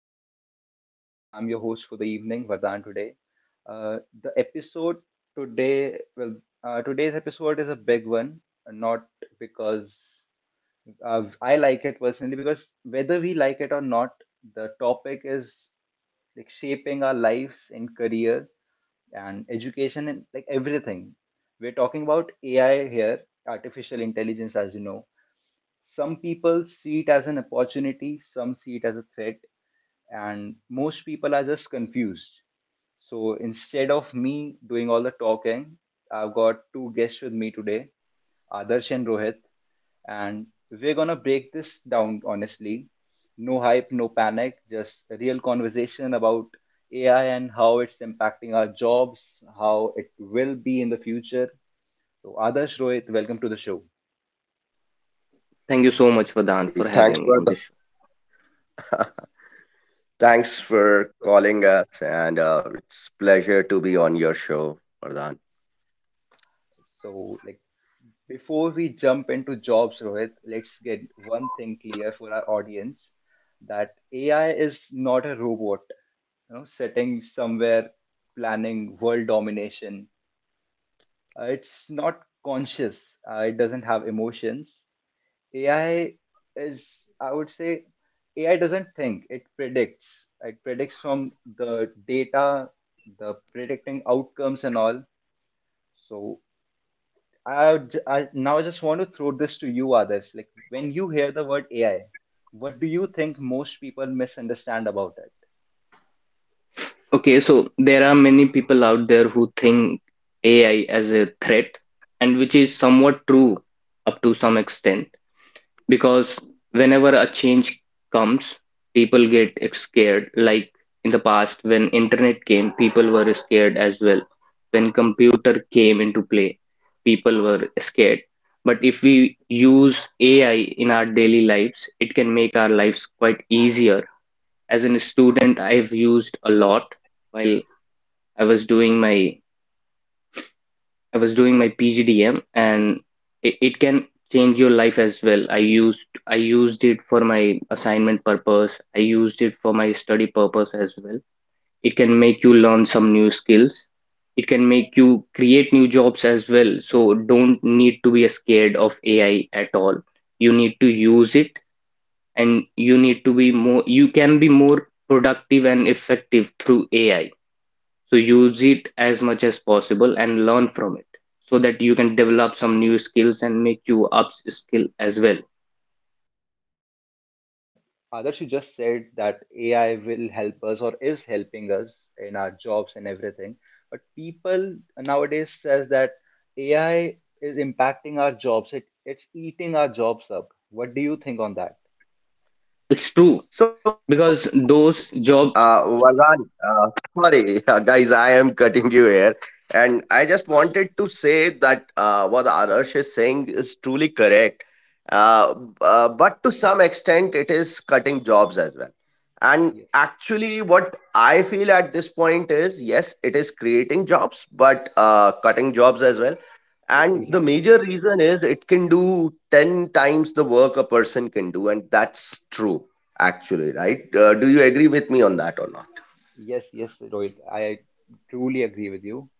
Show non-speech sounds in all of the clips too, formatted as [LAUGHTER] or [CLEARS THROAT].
podcast. I'm your host for the evening, Vardhan. Today, the episode today, well, today's episode is a big one, not because I like it personally, because whether we like it or not, the topic is shaping our lives in career and education and like everything. We're talking about AI here, artificial intelligence. As you know, some people see it as an opportunity, some see it as a threat, and most people are just confused. So instead of me doing all the talking, I've got two guests with me today, Adarsh and Rohit, and we're gonna break this down honestly. No hype, no panic, just a real conversation about AI and how it's impacting our jobs, how it will be in the future. So Adarsh, Rohit, welcome to the show. Thank you so much, Vadan, for Hey, having thanks me on for this the show. [LAUGHS] thanks for So calling us, and it's pleasure to be on your show, Vardhan. so like Before we jump into jobs, Rohit, let's get one thing clear for our audience: that AI is not a robot, you know, sitting somewhere planning world domination. It's not conscious. It doesn't have emotions. AI is, I would say, AI doesn't think. It predicts. It predicts from the data, the predicting outcomes and all. So I, would I now I just want to throw this to you, others. Like, when you hear the word AI, what do you think most people misunderstand about it? Okay, so there are many people out there who think AI as a threat, and which is somewhat true up to some extent, because whenever a change comes, people get scared. Like in the past, when internet came, people were scared as well. When computer came into play, people were scared. But if we use AI in our daily lives, it can make our lives quite easier as in a student I've used a lot while I was doing my I was doing my PGDM, and it can change your life as well. I used it for my assignment purpose. I used it for my study purpose as well. It can make you learn some new skills. It can make you create new jobs as well. So don't need to be scared of AI at all. You need to use it, and you can be more productive and effective through AI. So use it as much as possible and learn from it so that you can develop some new skills and make you upskill as well. Uh, Others, you just said that AI will help us or is helping us in our jobs and everything, but people nowadays says that AI is impacting our jobs. It's eating our jobs up. What do you think on that? It's true So, because those Vardhan, jobs, sorry, [LAUGHS] guys, I am cutting you here, and I just wanted to say that what Adarsh is saying is truly correct, but to some extent, it is cutting jobs as well. And Yes, actually, what I feel at this point is yes, it is creating jobs, but cutting jobs as well. And yes, the major exactly. reason is it can do 10 times the work a person can do. And that's true, actually, right? Do you agree with me on that or not? Yes, yes, Rohit. I truly agree with you.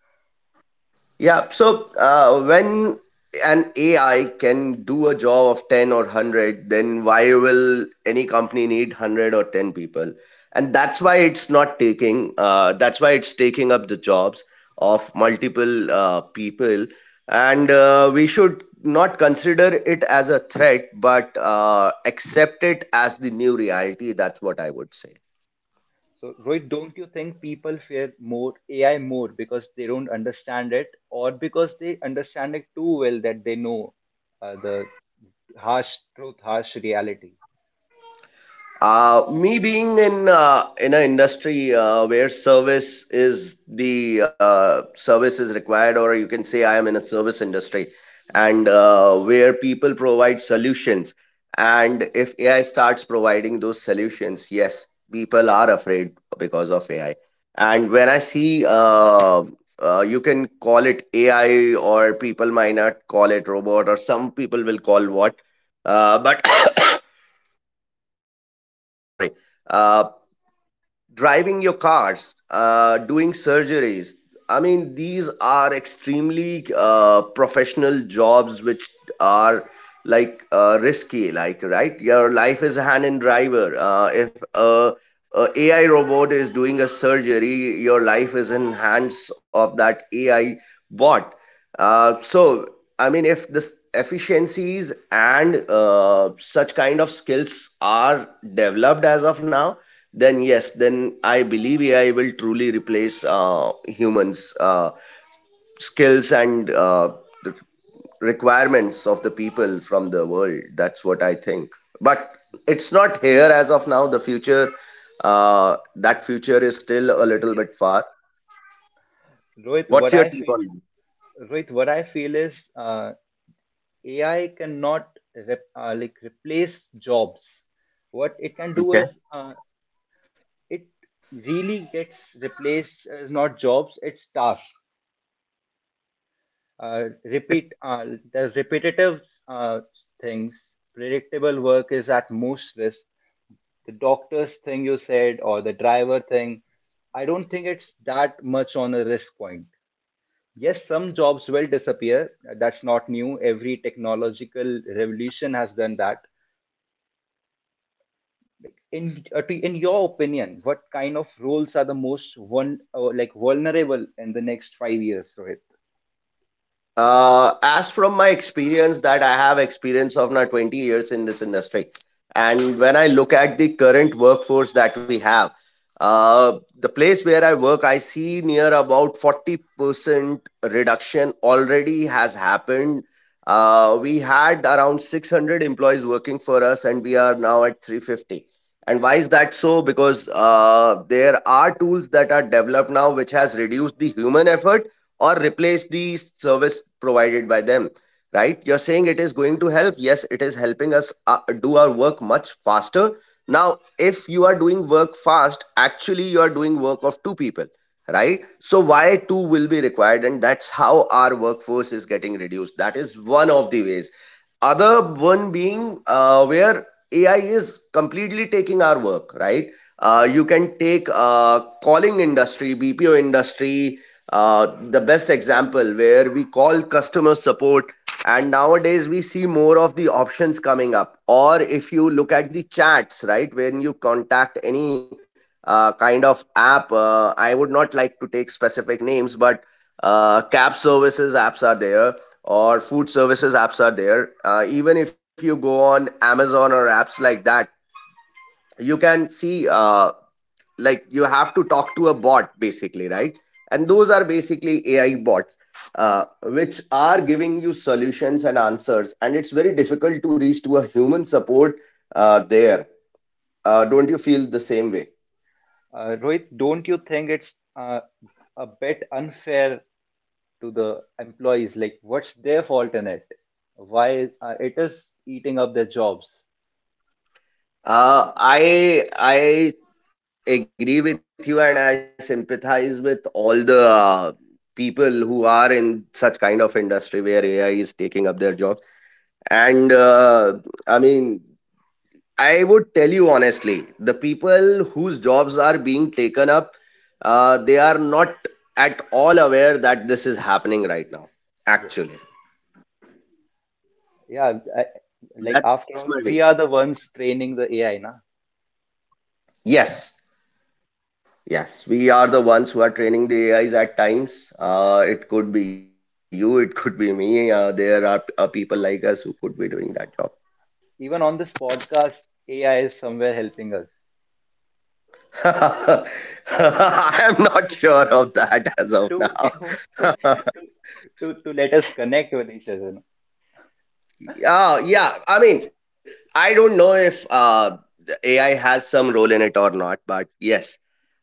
Yeah. So when an AI can do a job of 10 or 100, then why will any company need 100 or 10 people? And that's why it's not taking, that's why it's taking up the jobs of multiple people. And we should not consider it as a threat, but accept it as the new reality. That's what I would say. So, Rohit, don't you think people fear more AI more because they don't understand it, or because they understand it too well that they know the harsh truth, harsh reality? Me being in an industry where service is required, or you can say I am in a service industry, and where people provide solutions, and if AI starts providing those solutions, yes, people are afraid because of AI. And when I see, you can call it AI, or people might not call it robot, or some people will call what, but [COUGHS] sorry. Uh, Driving your cars, doing surgeries. I mean, these are extremely professional jobs which are like risky. Like, right, your life is a hand in driver. If a AI robot is doing a surgery, your life is in hands of that AI bot. So, I mean, if this efficiencies and such kind of skills are developed as of now, then yes, then I believe AI will truly replace humans skills, and the requirements of the people from the world. That's what I think. But it's not here as of now. The future, that future is still a little Yes, bit far. yes. Rohit, What's what your I take feel, on that? Rohit, what I feel is AI cannot replace jobs. What it can do Okay, is it really gets replaced as not jobs, it's tasks. Okay. Repeat the repetitive uh, things, predictable work is at most risk. The doctor's thing you said or the driver thing, I don't think it's that much on a risk point. Yes, some jobs will disappear. That's not new. Every technological revolution has done that. Like, in your opinion, what kind of roles are the most one like vulnerable in the next 5 years, Rohit? As from my experience, that I have experience of now 20 years in this industry, and when I look at the current workforce that we have, the place where I work, I see near about 40% reduction already has happened. We had around 600 employees working for us, and we are now at 350. And why is that so? Because there are tools that are developed now which has reduced the human effort or replace the service provided by them. Right, you're saying it is going to help. Yes, it is helping us do our work much faster. Now if you are doing work fast, actually you are doing work of two people. Right, so why two will be required? And that's how our workforce is getting reduced. That is one of the ways. Other one being where AI is completely taking our work, right? You can take calling industry, BPO industry, the best example where we call customer support, and nowadays we see more of the options coming up. Or if you look at the chats, right, when you contact any kind of app, I would not like to take specific names, but cab services apps are there, or food services apps are there. Even if you go on Amazon or apps like that, you can see like you have to talk to a bot basically, right? And those are basically AI bots, which are giving you solutions and answers, and it's very difficult to reach to a human support. There Don't you feel the same way? Rohit, don't you think it's a bit unfair to the employees? Like, what's their fault in it? Why it is eating up their jobs? I agree with you, and I sympathize with all the people who are in such kind of industry where AI is taking up their jobs. And I mean, I would tell you honestly, the people whose jobs are being taken up, they are not at all aware that this is happening right now. Yes. Actually, Yeah, I, like, that's my after all, view. we are the ones training the AI, na? Yes, yes, we So are the ones who are training the AIs at times. It could be you, it could be me. There are people like us who could be doing that job. even on this podcast, AI is somewhere helping us [LAUGHS] I am not sure of to that as of to to to to, now. [LAUGHS] to, to let us connect with each other, no? Yeah, yeah. I mean, I don't know if the AI has some role in it or not, but yes,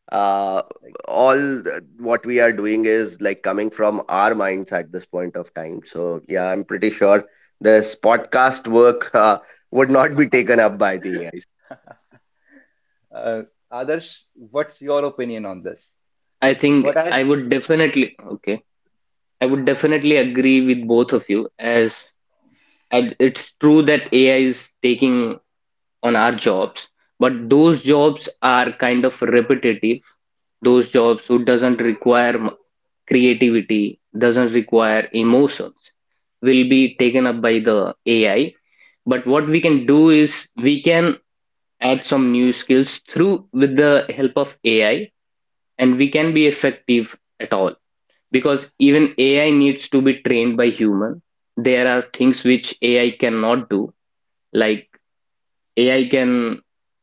uh, Like, all th- what we are doing is like coming from our minds at this point of time. So yeah, I'm pretty sure this podcast work would not be taken up by the AI. uh, Adarsh, what's your opinion on this? I Like, what think I I would definitely, okay, I would definitely agree with both of you, as and it's true that AI is taking on our jobs, but those jobs are kind of repetitive. Those jobs who doesn't require creativity, doesn't require emotion will be taken up by the AI. But what we can do is we can add some new skills through with the help of AI, and we can be effective at all because even AI needs to be trained by human. There are things which AI cannot do, like AI can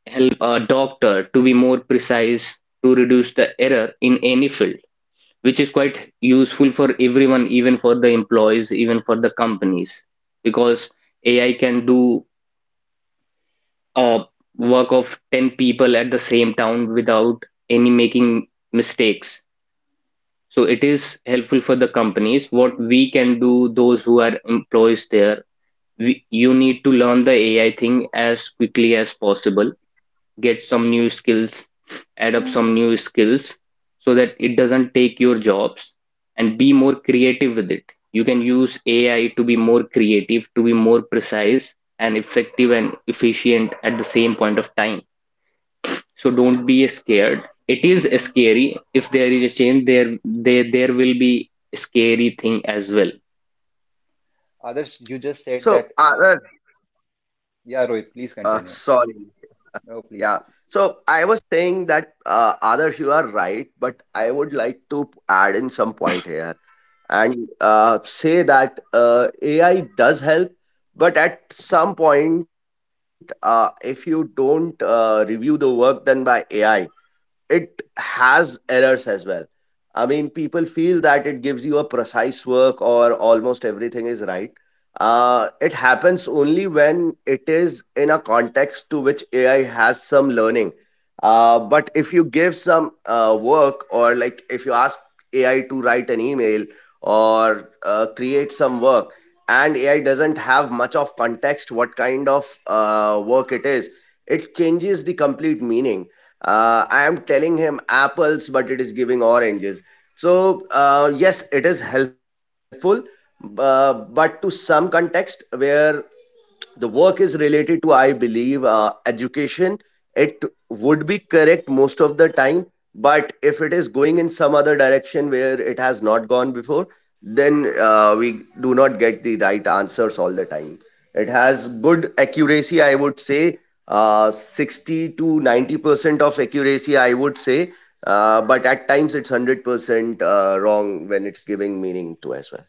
help a doctor to be more precise, to reduce the error in any field, which is quite useful for everyone, even for the employees, even for the companies, because AI can do a work of 10 people at the same time without any making mistakes. So it is helpful for the companies. What we can do, those who are employees there, you need to learn the AI thing as quickly as possible, get some new skills, add up some new skills so that it doesn't take your jobs, and be more creative with it. You can use AI to be more creative, to be more precise and effective and efficient at the same point of time. So don't be scared. It is scary. If there is a change, there will be scary thing as well. Others, you just said So, that. Anand, Yeah, Rohit, please continue. sorry. No, please. Yeah. Please. So I was saying that, Adarsh, you are right, but I would like to add in some point here, and say that AI does help, but at some point, if you don't review the work done by AI, it has errors as well. I mean, people feel that it Please. gives you a precise work or almost everything is right. It happens only when it is in a context to which AI has some learning. But if you give some work, or like if you ask AI to write an email or create some work, and AI doesn't have much of context what kind of work it is, it changes the complete meaning. I am telling him apples, but it is giving oranges. So, yes, it is helpful, but to some context where the work is related to, I believe, education, it would be correct most of the time. But if it is going in some other direction where it has not gone before, then we do not get the right answers all the time. It has good accuracy, I would say, 60 to 90% of accuracy I would say. But at times it's 100% wrong when it's giving meaning to as well.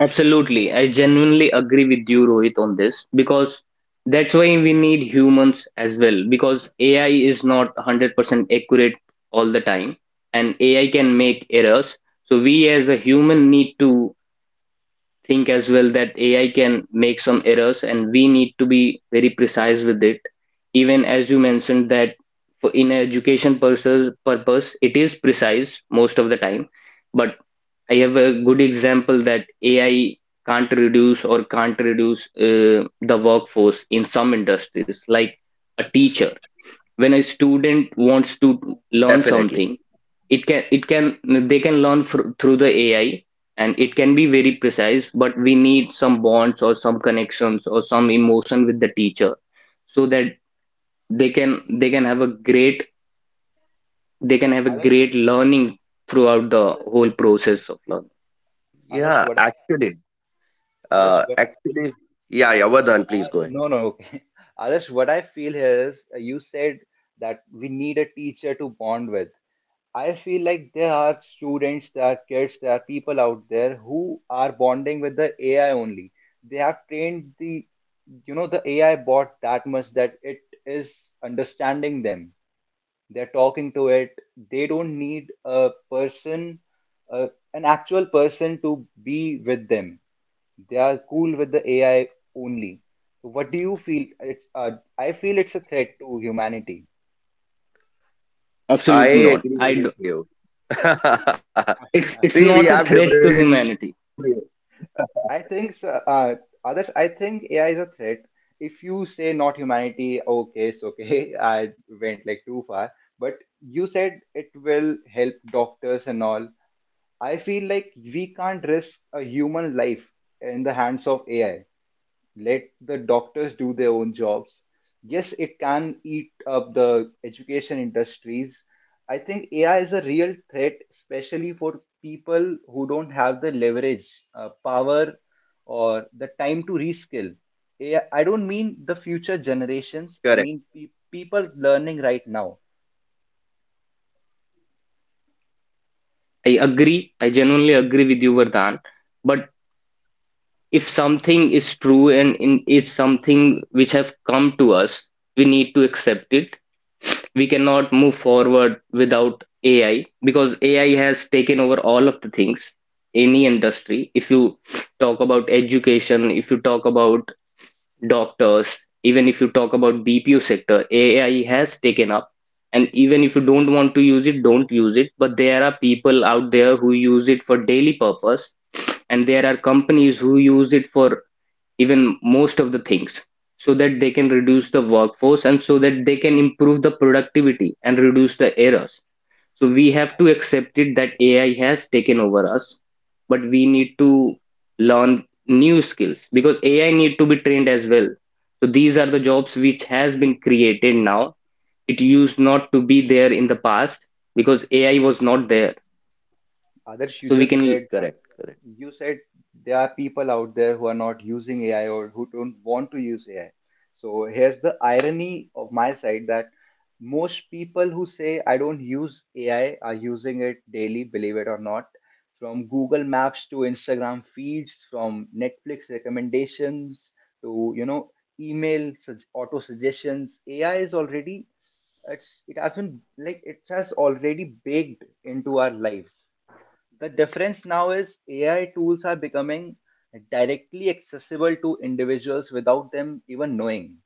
Absolutely. So, I genuinely agree with you, Rohit, on this because that's why we need humans as well, because AI is not 100% accurate all the time and AI can make errors. So we as a human need to think as well that AI can make some errors and we need to be very precise with it. Even as you mentioned that in education purpose, it is precise most of the time, but I have a good example that AI can't reduce the workforce in some industries, like a teacher. When a student wants to learn Definitely. something, it can they can learn through the AI, and it can be very precise, but we need some bonds or some connections or some emotion with the teacher so that they can they can have a great they can have a others, great learning throughout the others, whole process of learning. others, Yeah. what I, Uh, others, what I, actually, yeah, yeah, Vardhan, please go ahead. no, no, okay. [LAUGHS] Others, what I feel here is you said that we need a teacher to bond with. I feel like there are students, there are kids, there are people out there who are bonding with the AI only. They have trained the AI bot that much that it is understanding them. They're talking to it. They don't need a person, uh, an actual person, to be with them. They are cool with the AI only. So what do you feel? It's I feel it's a threat to humanity. Absolutely I not. Agree with you. [LAUGHS] it's See, it's we not have a different threat to views. [LAUGHS] humanity. i think s- uh, But Others, why I is think that, sir? AI is a threat. If you say not humanity, okay, it's okay. [LAUGHS] I went like too far. But you said it will help doctors and all. I feel like we can't risk a human life in the hands of AI. Let the doctors do their own jobs. Yes, it can eat up the education industries. I think AI is a real threat, especially for people who don't have the leverage, power, or the time to reskill. AI, I don't mean the future Correct. generations, I mean people learning right now. I agree. I genuinely agree with you, Vardhan. But if something is true and is something which have come to us, we need to accept it. We cannot move forward without AI because AI has taken over all of the things. Any industry, if you talk about education, if you talk about doctors, even if you talk about BPO sector, AI has taken up. And even if you don't want to use it, don't use it. But there are people out there who use it for daily purpose, and there are companies who use it for even most of the things so that they can reduce the workforce, and so that they can improve the productivity and reduce the errors. So we have to accept it that AI has taken over us, but we need to learn new skills because AI need to be trained as well. So these are the jobs which has Yeah, been created now. It used not to be there in the past because AI was not there. Others, you So we just can correct, said that correct. you said there are people out there who are not using AI or who don't want to use AI. So here's the irony of my side: that most people who say I don't use AI are using it daily, believe it or not. From Google Maps to Instagram feeds, from Netflix recommendations to, you know, auto suggestions. AI is already it's, it has been like it has already baked into our life. The difference now is AI tools are becoming directly accessible to individuals without them even knowing.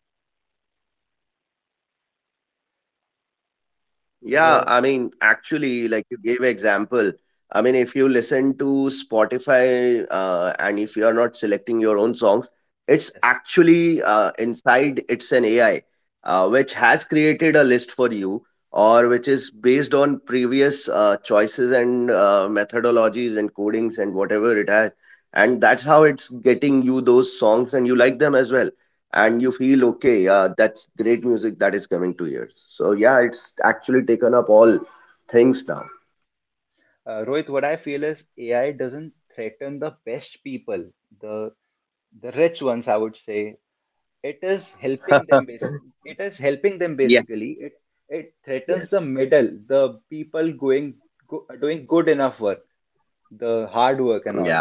Yeah, The I mean, actually, like you gave example. I mean, if you listen to Spotify and if you are not selecting your own songs, it's Yes, actually inside, it's an AI which has created a list for you, or which is based on previous choices and methodologies and codings and whatever it has. And that's how it's getting you those songs, and you like them as well, and you yes. feel okay. Yeah, that's great music that is coming to ears. So yeah, it's actually taken up all things now. Rohit, what I feel is AI doesn't threaten the best people, the the rich ones, I would say. It is helping them [LAUGHS] basically. It is helping them Yeah. basically. It threatens the Yes. middle, the people doing good enough work, the hard work and Yeah. all.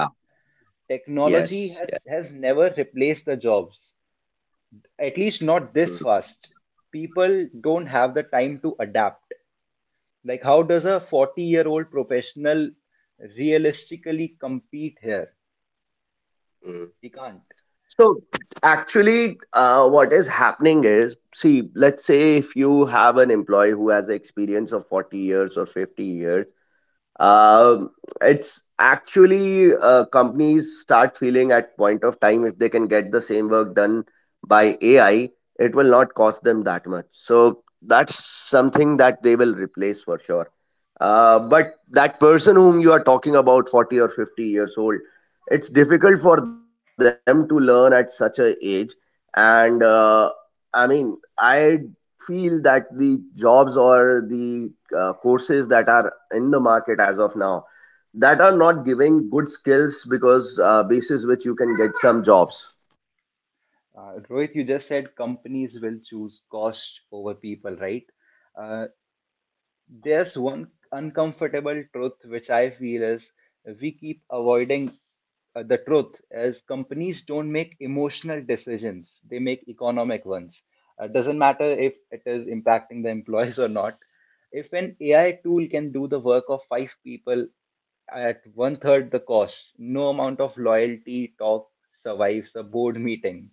Technology Yes. Yeah. has has never replaced the jobs. At least not this Mm. fast. People don't have the time to adapt. Like, how does a 40-year-old professional realistically compete here? Mm. He can't. So actually what is happening is, see, let's say if you have an employee who has experience of 40 years or 50 years. Um it's actually companies start feeling at point of time if they can get the same work done by AI, it will not cost them that much. So that's something that they will replace for sure. But that person whom you are talking about, 40 or 50 years old, it's difficult for them to learn at such a age. And I mean, I feel that the jobs or the courses that are in the market as of now that are not giving good skills, because basis which you can get some jobs. Rohit, you just said companies will choose cost over people, right? Uh, There's one uncomfortable truth which I feel is we keep avoiding, the truth as companies don't make emotional decisions, they make economic ones. Doesn't matter if it is impacting the employees or not. If an AI tool can do the work of five people at one third the cost, no amount of loyalty talk survives a board meeting.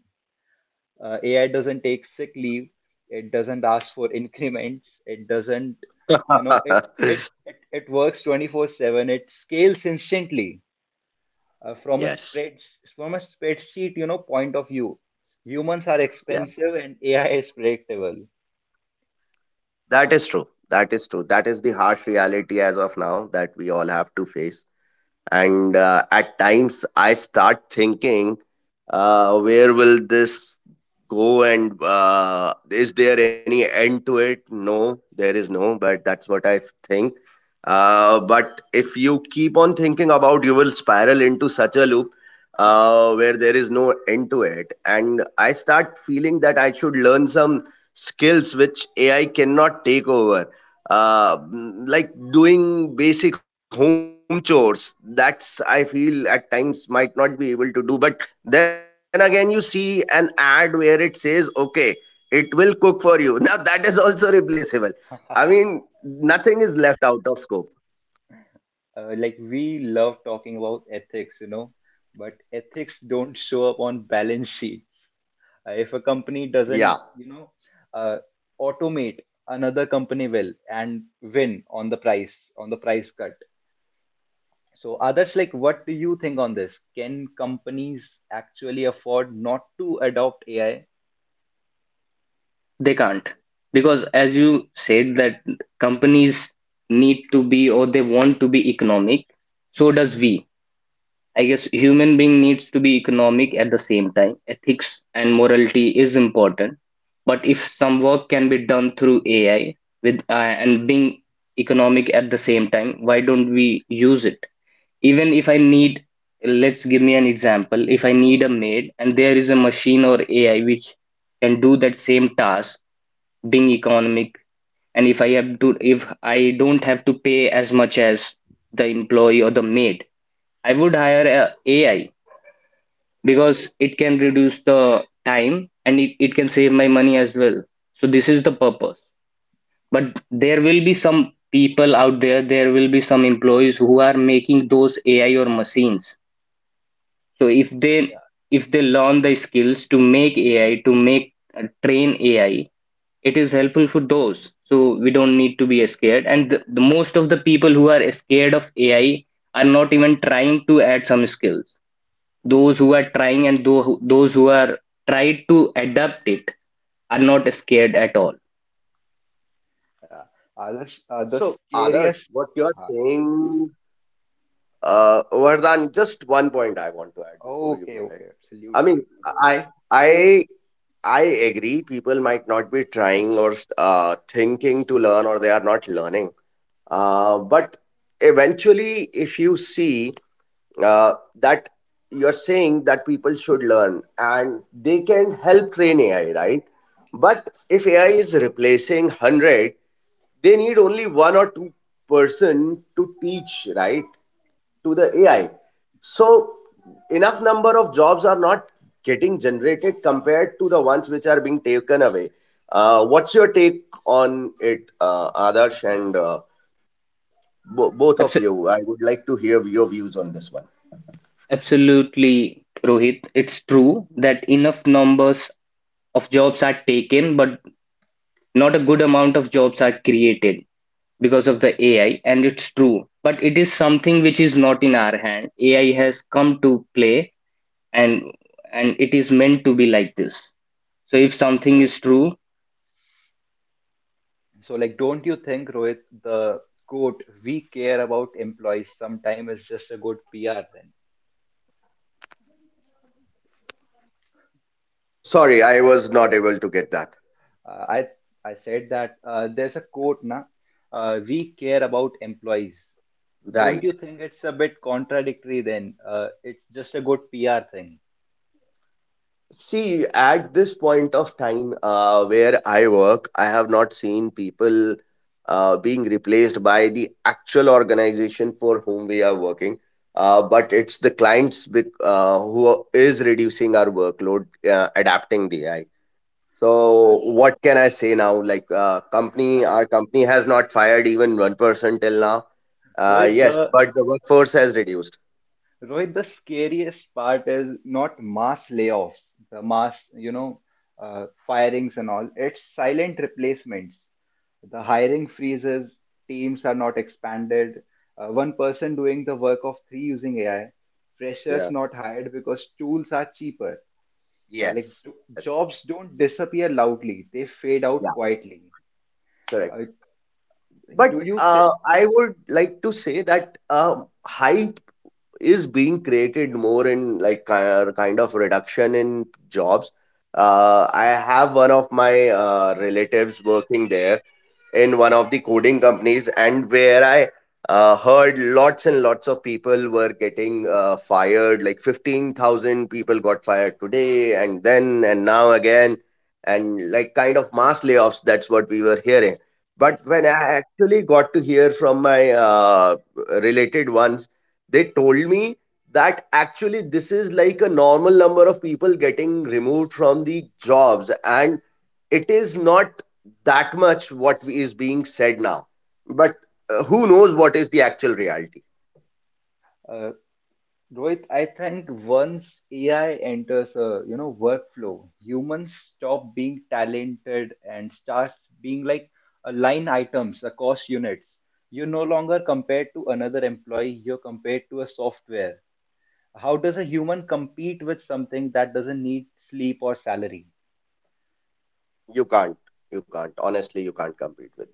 AI doesn't take sick leave. It doesn't ask for [LAUGHS] increments. It doesn't, Yeah. you know, it [LAUGHS] it it, it works 24/7. It scales instantly uh, from a Yes, spread from a spreadsheet, you know, point of view. Humans are yeah, expensive and AI is predictable. that is true, that is true, that is the harsh reality as of now that we all have to face. And at times I start thinking, where will this go, and is there any end to it? No, there is no, but that's what I think. But if you keep on thinking about, you will spiral into such a loop where there is no end to it. And I start feeling that I should learn some skills which AI cannot take over. Like doing basic home chores, that's, I feel, at times might not be able to do. But then again, you see an ad where it says okay, it will cook for you. [LAUGHS] Now that is also replaceable. I mean, nothing is left out of scope. Like, we love talking about ethics, you know, but ethics don't show up on balance sheets. If a company Yeah. doesn't, you know, uh, automate, another company will and win on the price cut. So, others, like, what do you think on this? Can companies actually afford not to adopt AI? They can't because as you said that companies need to be, or they want to be economic. So does we. I guess human being needs to be economic at the same time. Ethics and morality is important, but if some work can be done through AI with, and being economic at the same time, why don't we use it? Even if I need, let's give me an example. If I need a maid and there is a machine or AI which can do that same task, being economic, and if I have to, if I don't have to pay as much as the employee or the maid, I would hire a AI because it can reduce the time and it can save my money as well. So this is the purpose. But there will be some people out there, there will be some employees who are making those AI or machines. So if Yeah, they, if they learn the skills to make AI, to make, train AI, it is helpful for those. So we don't need to be scared. And the most of the people who are scared of AI are not even trying to add some skills. Those who are trying, and those who are tried to adapt it, are not scared at all. yeah. Others, the So others, scariest. what you are uh, saying, Vardhan, just one point I want to add before you Okay, go ahead. okay, I mean, absolutely, Rohit. i i I agree. People might not be trying, or thinking to learn, or they are not learning. But eventually, if you see uh, that you're saying that people should learn and they can help train AI, right? But if AI is replacing 100, they need only one or two person to teach, right? To the AI. So enough number of jobs are not getting generated compared to the ones which are being taken away. What's your take on it, Adarsh and both of Abso- you? I would like to hear your views on this one. Absolutely, Rohit. It's true that enough numbers of jobs are taken, but not a good amount of jobs are created because of the AI, and it's true. But it is something which is not in our hand. AI has come to play, and and it is meant to be like this. So if something So is true, So, like, don't you think, Rohit, the quote "we care about employees" sometime is just a good PR? Then Sorry, I was not able to get that. uh, I I said that, there's a quote, na, "we care about employees." Don't Right. you think it's a bit contradictory? Then it's just a good PR thing. See, at this point of time where I work, I have not seen people being replaced by the actual organization for whom we are working. But it's the clients who is reducing our workload, adapting the AI. Uh, So what can I say now? Like company, our company has not fired even one person till now. Rohit, Yes, the but the workforce has reduced. Rohit, the scariest part is not mass layoffs, the mass, you know, firings and all. It's silent replacements. The Yes. hiring freezes, teams are not expanded, one person doing the work of three using AI, Yeah. freshers not hired because tools are cheaper. Yes. Yes. Jobs don't disappear loudly, they fade Yeah. out quietly. Correct. Uh, But do you think? I would like to say that hype is being created more in like kind of reduction in jobs. I have one of my relatives working there in one of the coding companies, and where I heard lots and lots of people were getting fired, like 15,000 people got fired today, and then and now again, and like kind of mass layoffs. That's what we were hearing, Yes, but when yes. I actually got to hear from my related ones, they told me that actually this is like a normal number of people getting removed from the jobs, and it is not that much what is being said now. But who knows what is the actual reality. Uh, Rohit, I think once AI enters a, you know, workflow, humans stop being talented and starts being like a line items, a cost units. You're no longer compared to another employee, you're compared to a software. How does a human compete with something that doesn't need sleep or salary? you can't you can't, honestly, you can't compete with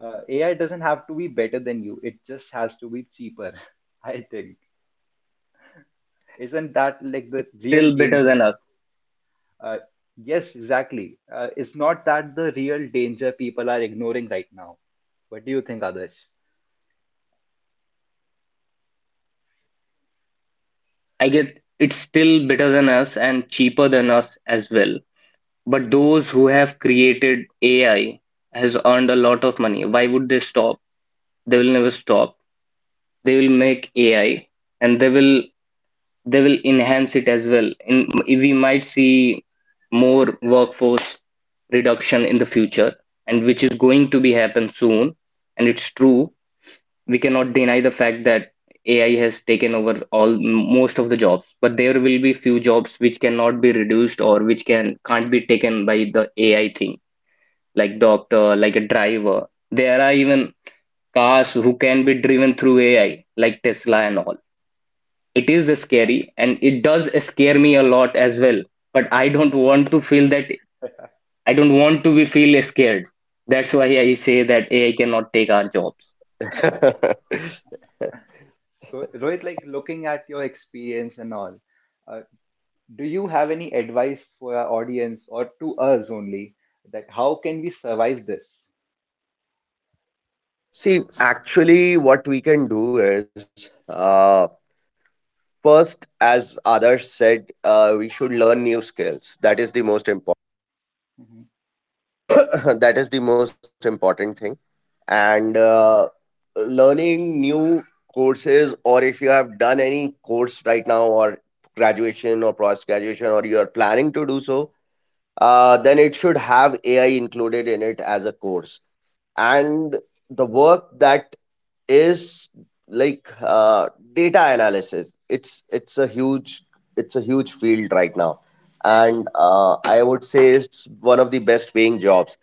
AI doesn't have to be better than you, it just has to be cheaper, [LAUGHS] I think. Isn't that like the real danger? Uh, yes, exactly. It's not that the real danger people are ignoring right now. What do you think, Adarsh? I get it's still better than us and cheaper than us as well. But those who have created AI has earned a lot of money. Why would they stop? They will never stop. They will make AI, and they will enhance it as well. In we might see more workforce reduction in the future, and which is going to be happen soon, and it's true we cannot deny the fact that AI has taken over all most of the jobs, but there will be few jobs which cannot be reduced, or which can can't be taken by the AI thing, like doctor, like a driver. There are even cars who can be driven through AI, like Tesla and all. It is scary and it does scare me a lot as well. But I don't want to feel that I don't want to be feel scared. That's why I say that AI cannot take our jobs. that. [LAUGHS] So, Rohit, like, looking at your experience and all, uh, do you have any advice for our audience or to us only, that how can we survive this? See, actually what we can do is first, as others said, we should learn new skills. That is the most important Mhm. [COUGHS] that is the most important thing. And learning new courses, or if you have done any course right now, or graduation or post graduation, or you are planning to do so, then it should have AI included in it as a course. And the work that is, like data analysis, it's a huge, it's a huge field right now. And I would say it's one of the best paying jobs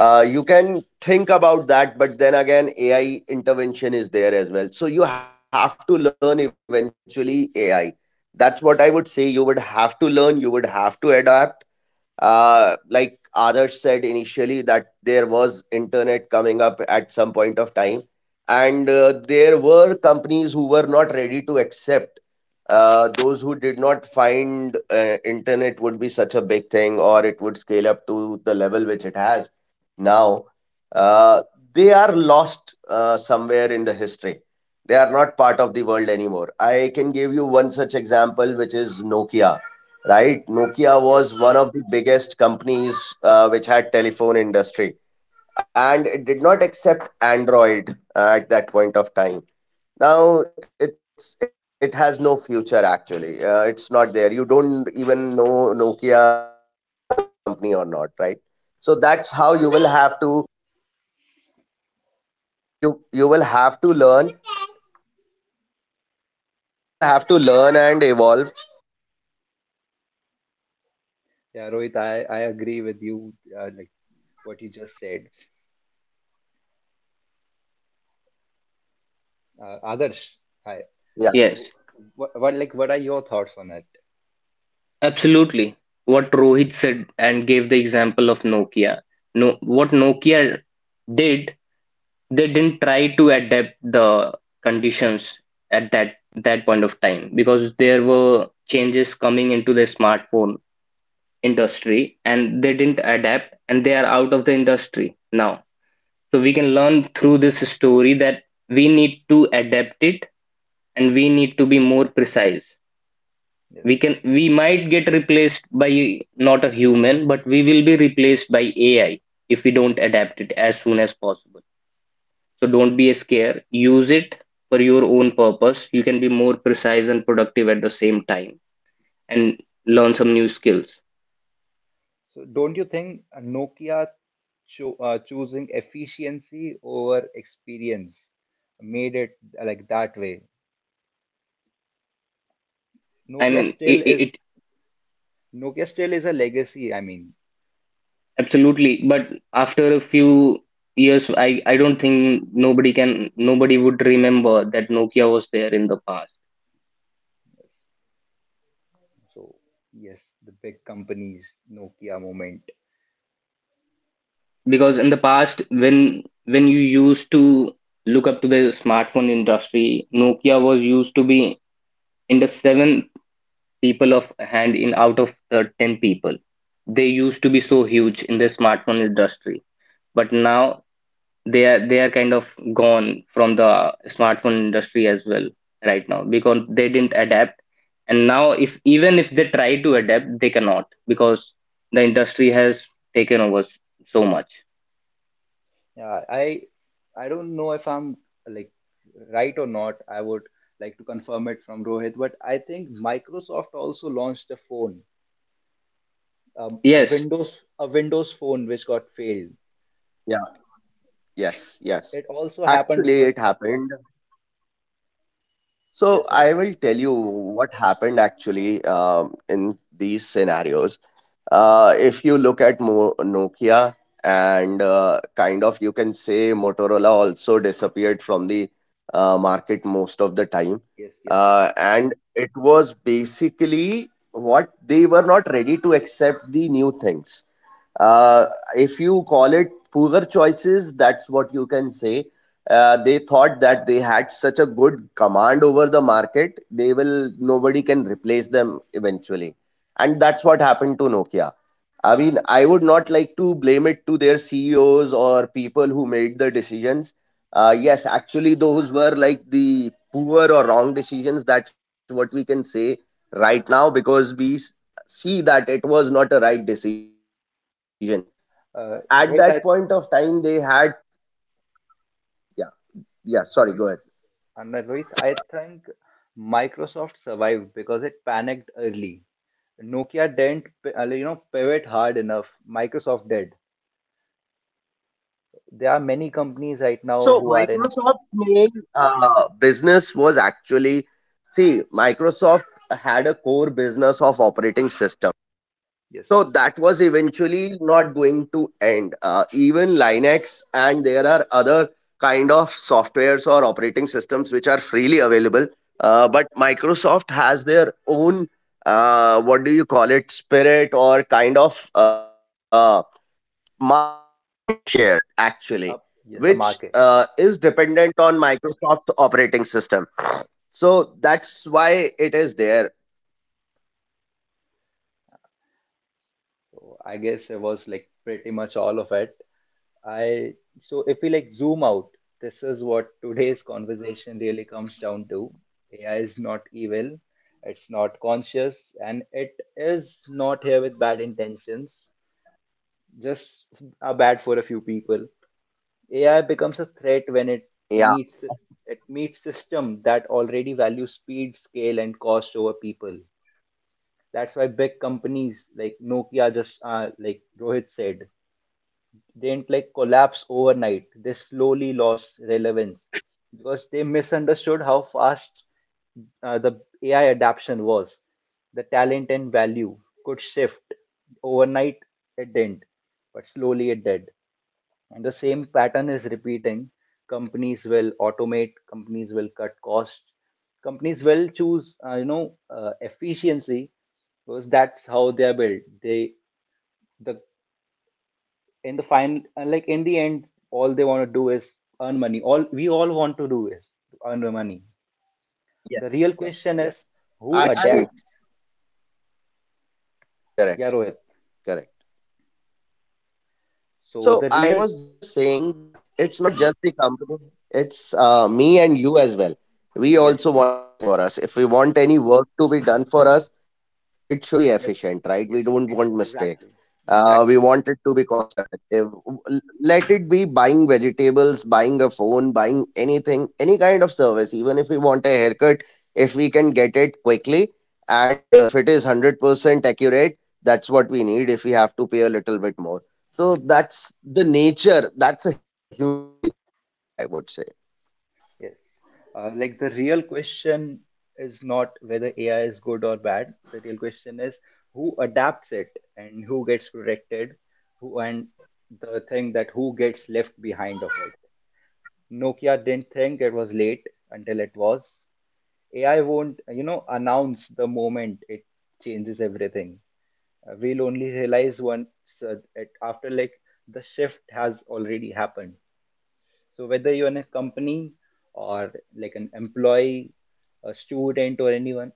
you can think about that. But then again, AI intervention is there as well, so you have to learn eventually AI. That's what I would say. You would have to learn, you would have to adapt. Uh, like others said, initially that there was internet coming up at some point of time, and there were companies who were not ready to accept, those who did not find internet would be such a big thing, or it would scale up to the level which it has now. Uh, they are lost somewhere in the history. They are not part of the world anymore. I can give you one such example, which is Nokia. Right, Nokia Yes, was one yes, of the biggest companies which had telephone industry, and it did not accept Android at that point of time. Now it's it has no future actually. It's not there. You don't even know Nokia was a company or not, right? So that's how you will have yes. to you will have to learn. You will have to learn and evolve. Yeah, Rohit, I agree with you, what you just said. Adarsh, hi. Yeah, Yes. So, what are your thoughts on it? Absolutely. What Rohit said and gave the example of Nokia. No, what Nokia did, they didn't try to adapt the conditions at that point of time because there were changes coming into the smartphone industry, and they didn't adapt and they are out of the industry now. So we can learn through this story that we need to adapt it, and we need to be more precise. Yes. We might get replaced by not a human, but we will be replaced by AI if we don't adapt it as soon as possible. So don't be scared, use it for your own purpose. You can be more precise and productive at the same time, and learn some new skills. So don't you think Nokia choosing efficiency over experience made it like that way? I Nokia mean, it, still it, is it Nokia still is a legacy. I mean, absolutely. But after a few years, I don't think nobody can, nobody would remember that Nokia was there in the past. so yes, the big companies Nokia moment. Because in the past, when you used to look up to the smartphone industry, Nokia was used to be in the seven people of hand, in out of the 10 people. They used to be so huge in the smartphone industry, but now they are kind of gone from the smartphone industry as well right now, because they didn't adapt. And now if even if they try to adapt, they cannot because the industry has taken over so much. Yeah, I don't know if I'm like right or not. I would like to confirm it from Rohit, but I think Microsoft also launched a phone, um, a Yes, Windows a Windows phone which got failed. yeah, yes, yes. It also happened Actually, because it of that. happened. So Yes, I Rohit. will tell you what happened actually, in these scenarios. If you look at Nokia and kind of, you can say Motorola also disappeared from the market most of the time. Yes, yes, yes. And it was basically, what they were not ready to accept the new things. Uh, if you call it poor choices, that's what you can say. They thought that they had such a good command over the market, they will, nobody can replace them eventually. And that's what happened to Nokia. I mean, I would not like to blame it to their CEOs or people who made the decisions. Uh, yes, actually, those were like the poor or wrong decisions. That's what we can say right now, because we see that it was not a right decision. But at that point of Uh, time, they Rohit, had, I, yeah, yeah, sorry, go ahead. Rohit, and Rohit, I think Microsoft survived because it panicked early. Nokia didn't, you Yeah. know, pivot hard enough. Microsoft did. There are many companies right now So who are in Microsoft's main business was actually, see, Microsoft had a core business of operating systems. yes, So that was eventually not going to end. Even Linux, and there are other kind of softwares or operating systems which are freely yes, available. But Microsoft has their own, what do you call it, spirit or kind of market share actually, up, yes, a which market. Is dependent on Microsoft's operating system. So that's why it is there. So I guess it was like pretty much all of it. I So if we like zoom out, this is what today's conversation really comes down to. AI is not evil, it's not conscious, and it is not here with bad intentions, just are bad for a few people. AI becomes a threat when meets Yeah. it meets system that already value speed, scale, and cost over people. That's why big companies like Nokia, just like Rohit said, They didn't collapse overnight. They slowly lost relevance because they misunderstood how fast Yes. The AI adoption was. The talent and value could shift. Overnight, it didn't, but slowly it did. And the same pattern is repeating. Companies will automate, companies will cut costs, companies will choose, efficiency, because that's how they are built. They the In the end, all they want to do is earn money. All we all want to do is earn money. The real question Yes. is Yes. who it's Yes. true. adapts. I Yeah, Rohit. Correct. Correct. So So the I real, was just saying that it's not mhm, just the company, it's me and you as well. We yes, also want the same things for us. If we want any work to be done for us, it should be yes, efficient, right? yes, We don't want mistakes. exactly. Exactly, We Rohit. want it to be cost effective. Let it be buying vegetables, buying a phone, buying anything, any kind of service. Even if we want a haircut, if we can get it quickly, and if it is 100% accurate, that's what we need, if we have to pay a little bit more. So that's the nature. That's a human nature, actually, I would say. Yes. Like, the real question is not whether AI is good or bad. The real question is who adapts it and who gets protected, who and the thing that who gets left behind of it. Nokia didn't think it was late until it was. AI won't, you know, announce the moment it changes everything. We'll only realize once, it, after like the shift has already happened. So whether you're in a company or Correct. like an employee, a student or anyone,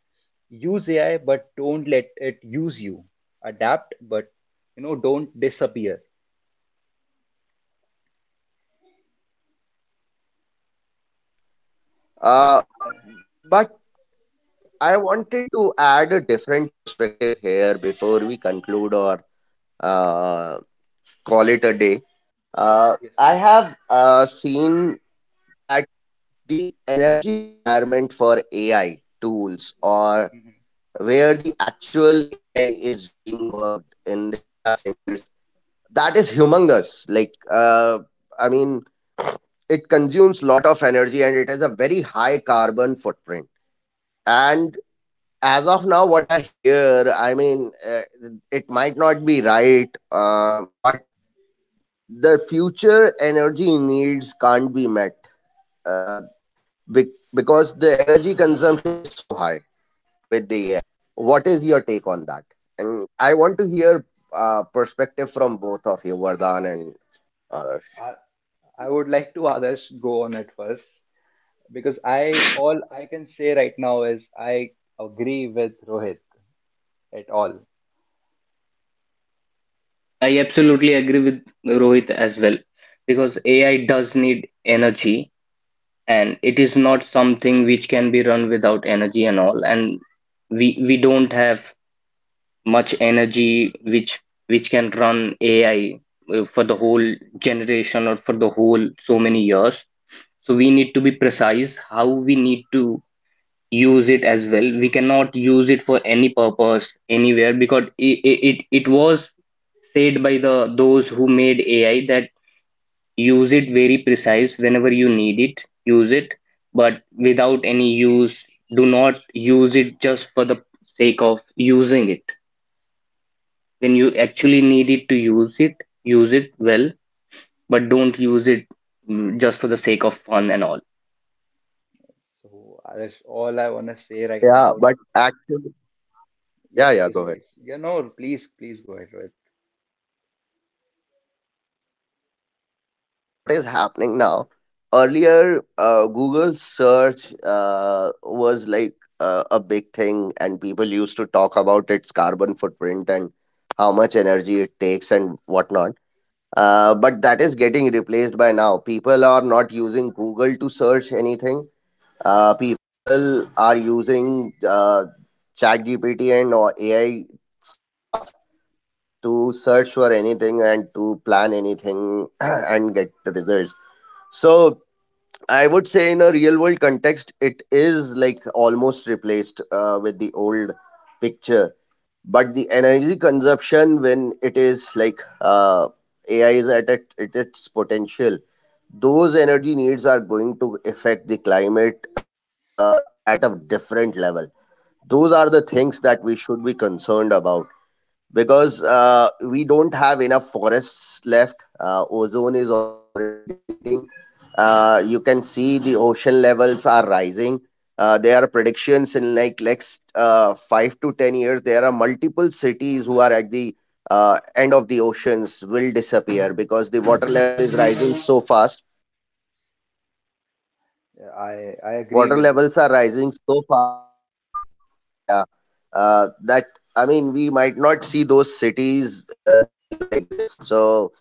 use AI but don't let it use you. Adapt, but you know, don't disappear. Right. Like, Uh, I- but I wanted to add a different perspective here before we conclude or uh, call it a day. Yes, I yes, have Rohit. Seen that the energy requirement for AI tools, or Mhm. where the actual AI is being worked in the data centers, that is humongous. Like, I mean, it consumes lot of energy, and it has a very high carbon footprint. And as of now, what I hear, I mean, it might not be right, but the future energy needs can't be met uh, because the energy consumption is so high with the AI. Yes. What is your take on that? And I want to hear perspective from both of you, Vardhan, and others. I, I would like to others go on it first, because I all I can say right now is I agree with Rohit at all. I absolutely agree with Rohit as well because AI does need energy, and it is not something which can be run without energy and all. And we don't have much energy which can run AI for the whole generation or for the whole so many years. So we need to be precise how we need to use it as well. We cannot use it for any purpose anywhere, because it was said by the those who made AI that use it very precise. Whenever you need it, use it, but without any use, do not use it just for the sake of using it. When you actually need it to use it well, but don't use it just for the sake of fun and all. So that's all I want to say right Yeah now. but actually Yes, Yeah, please, go ahead. Rohit. You know, please, please go ahead, Rohit. So I was just saying what is happening now. Earlier, Google search was like a big thing, and people used to talk about its carbon footprint and how much energy it takes and whatnot. But that is getting replaced by now. People are not using Google to search anything. People are using ChatGPT, and or AI stuff to search for anything and to plan anything, [CLEARS THROAT] and get the results. So I would say in a real world context, it is like almost replaced with the old picture. But the energy consumption, when it is like AI is at, at its potential, those energy needs are going to affect the climate at a different level. Those are the things that we should be concerned about, because we don't have enough forests left. Ozone is already depleting. You can see the ocean levels are rising. There are predictions in like next 5 to 10 years. There are multiple cities who are at the end of the oceans, will disappear because the water level is rising so fast. Yeah, I agree Water with you, levels are Rohit. rising so fast. Yeah, that I mean, we might not see those cities that even exist. So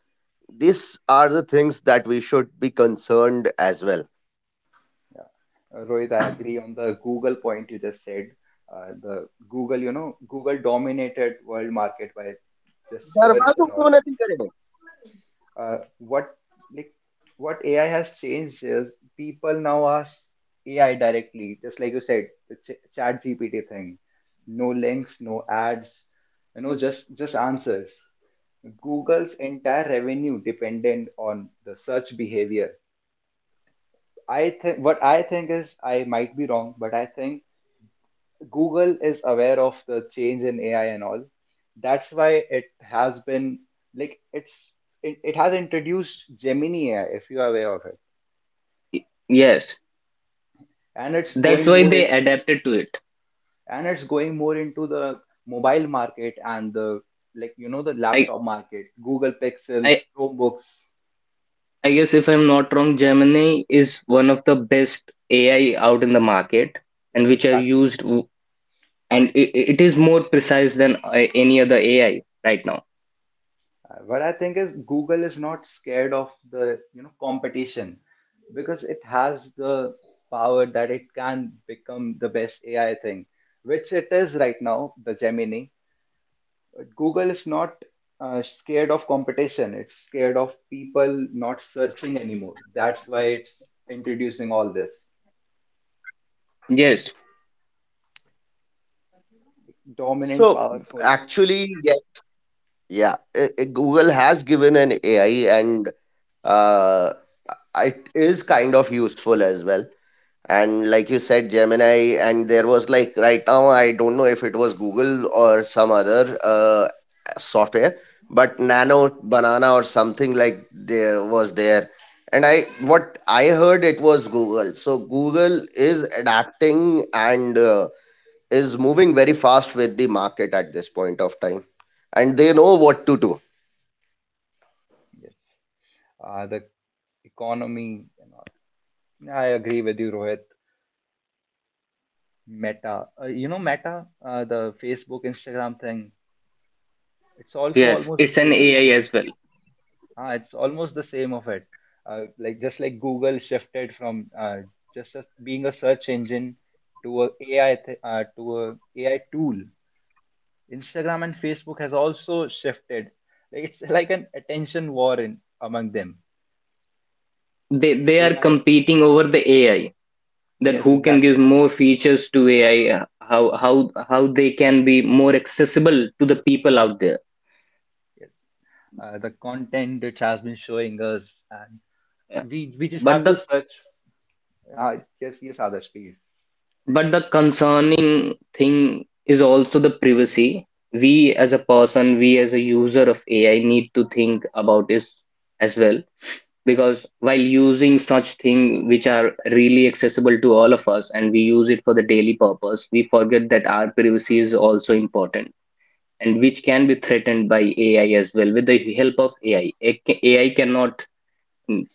these are the things that we should be concerned as well. Yeah. Rohit, I agree on the Google point you just said. The Google, you know, Google dominated world market by just search and all. uh, what like what AI has changed is people now ask AI directly, just like you said, the Chat GPT thing. No links, no ads, you know, just answers. Google's entire revenue dependent on the search behavior. I think is I might be wrong, but I think Google is aware of the change in AI and all. That's why it has been like it's it, it has introduced Gemini AI, if you are aware of it, Yes, and it's that's going why they adapted to it. More into the mobile market and the, like you know, the I laptop market, Google Pixels, I Chromebooks. I guess if I'm not wrong, Gemini is one of the best AI out in the market, and Yes, which are exactly. used and it is more precise than any other AI right now. What I think is Google is not scared of the, you know, competition, because it has the power that it can become the best AI thing, which it is right now, the Gemini. But Google is not scared of competition. It's scared of people not searching anymore. That's why it's introducing all this. Yes, Dominant, So powerful, actually yes yeah Google has given an AI, and uh, it is kind of useful as well. And like you said, Gemini, and there was like right now, I don't know if it was Google or some other software, but Nano Banana or something, like there was there. And I what I heard, it was Google. So Google is adapting and is moving very fast with the market at this point of time, and they know what to do. yes. The economy, and all. Yeah, I agree with you, Rohit. Meta, you know, Meta, the Facebook, Instagram thing. It's also yes, almost the it's an same. AI as well. Ah, it's almost the same of it. Like, just like Google shifted from, being a search engine to a AI tool. Instagram and Facebook has also shifted. Like, it's [LAUGHS] like an attention war in among them. They are AI, competing over the AI, that yes, who can give exactly. more features to AI, how they can be more accessible to the people out there. Yes, the content it has been showing us, and Yeah. We just But have to the search. Yes, yes, Adarsh, please. but the concerning thing is also the privacy. We as a person, we as a user of AI, need to think about is as well, because while using such things which are really accessible to all of us and we use it for the daily purpose, we forget that our privacy is also important, and which can be threatened by AI as well, with the help of AI. AI cannot mm,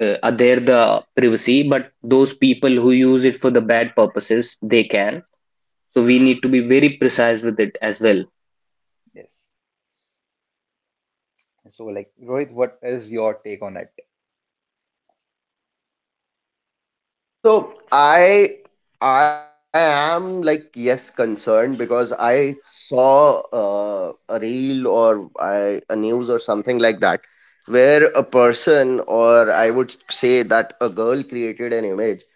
adhere the privacy, but those people who use it for the bad purposes, they can. So we need to be very precise with it as well. Yes. So, like, Rohit, what is your take on it? So I am like, yes, concerned, because I saw a reel, a news or something like that, where a person, or I would say that a girl, created an image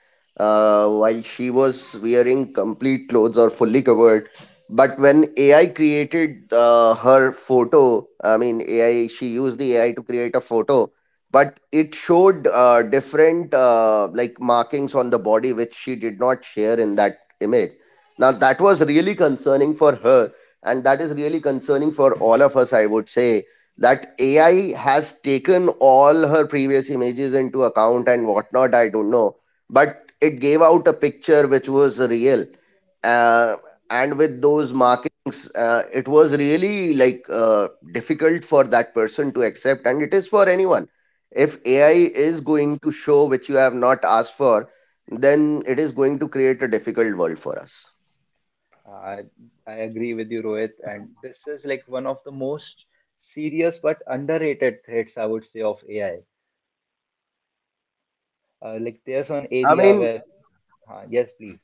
while she was wearing complete clothes or fully covered. But when AI created her photo, I mean AI, she used the AI to create a photo, but it showed different like markings on the body which she did not share in that image. Now that was really concerning for her, and that is really concerning for all of us, I would say, that AI has taken all her previous images into account and whatnot, I don't know, but it gave out a picture which was real. uh, and with those markings, it was really like difficult for that person to accept, and it is for anyone. If Yeah. AI is going to show which you have not asked for, then it is going to create a difficult world for us. I agree with you, Rohit, and this is like one of the most serious but underrated threats, I would say, of AI. Like, there's one Yeah. area where, I mean, yes, please.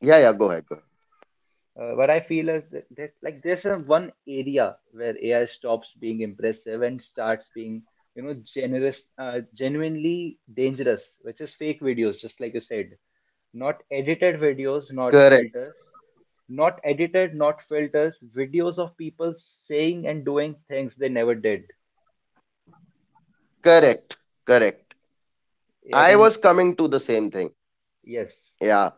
yeah, yeah, go ahead. Go ahead. But I feel is that, like there's a one area where AI stops being impressive and starts being, you know, generous, genuinely dangerous, which is fake videos, just like you said, not edited videos, not Correct. filters. Not edited, not filters, videos of people saying and doing things they never did. Correct. Correct. AI I can, was coming to the same thing. yes, Yeah.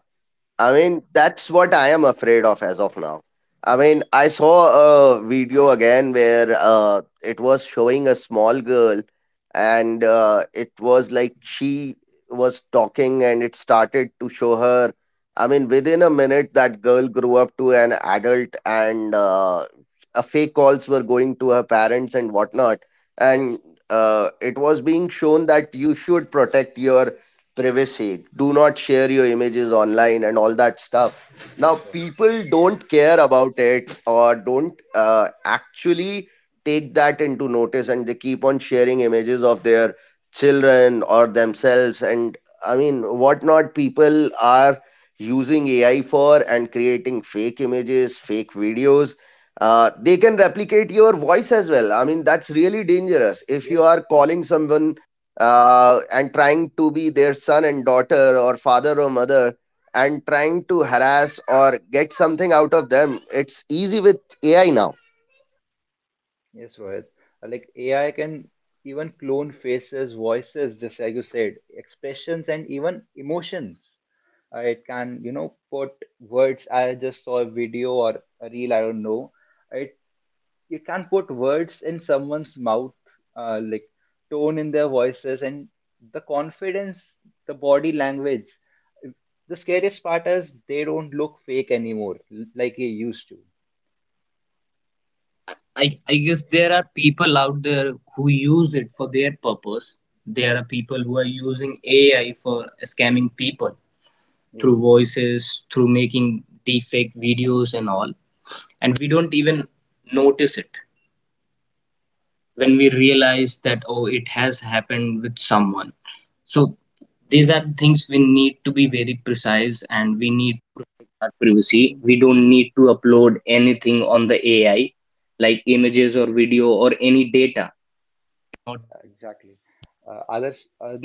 I mean, that's what I am afraid of as of now. I mean, I saw a video again where it was showing a small girl, and it was like she was talking and it started to show her. I mean, within a minute, that girl grew up to an adult, and a fake calls were going to her parents and whatnot. And it was being shown that you should protect your privacy, do not share your images online and all that stuff. Now yes, Rohit. people don't care about it or don't actually take that into notice, and they keep on sharing images of their children or themselves, and I mean whatnot people are using AI for and creating fake images, fake videos. They can replicate your voice as well. I mean, that's really dangerous. If you Yes, are calling someone and trying to be their son and daughter or father or mother, and trying to harass or get something out of them, it's easy with AI now. yes, Rohit. Like, AI can even clone faces, voices, just like you said, expressions, and even emotions. It can, you know, put words. I just saw a video or a reel, I don't know. It You can't put words in someone's mouth, like tone in their voices, and the confidence, the body language. The scariest part is they don't look fake anymore, like they used to. Yes, Anything on the AI, like images or video or any data. Exactly. Uh, others, uh,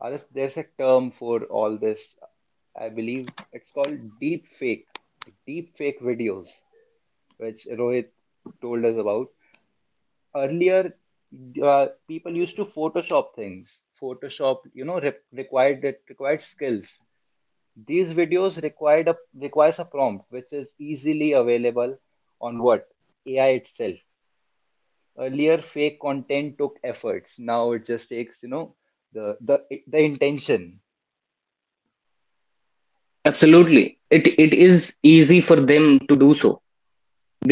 Others, there's a term for all this. I believe it's called deep fake videos, which Rohit told us about. Earlier, people used to photoshop things. Photoshop, you know, required skills. These videos required a requires a prompt which is easily available on what AI itself. Earlier fake content took efforts. Now it just takes, you know, the the the intention. Absolutely. It Correct. it is easy for them to do so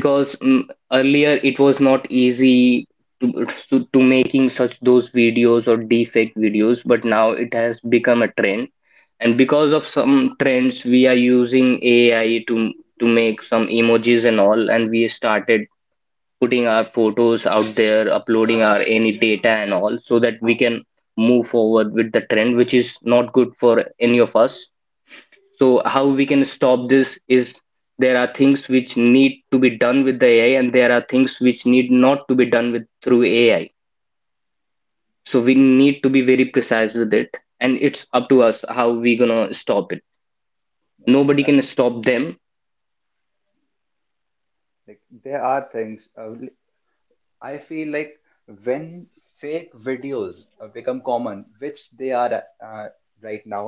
Yes, earlier it was not easy to, to making such those videos or deepfake videos, but now it has become a trend. And because of some trends, we are using AI to make some emojis and all, and we started putting our photos out there, uploading our any data and all, so that we can move forward with the trend, which is not good for any of us. So how we can stop this is, there are things which need to be done with the AI, and there are things which need not to be done with through AI. So we need to be very precise with it, and it's up to us how we gonna stop it. yeah, Nobody can exactly. stop them. Like, there are things, I feel like when fake videos become common, which they are, uh, right now,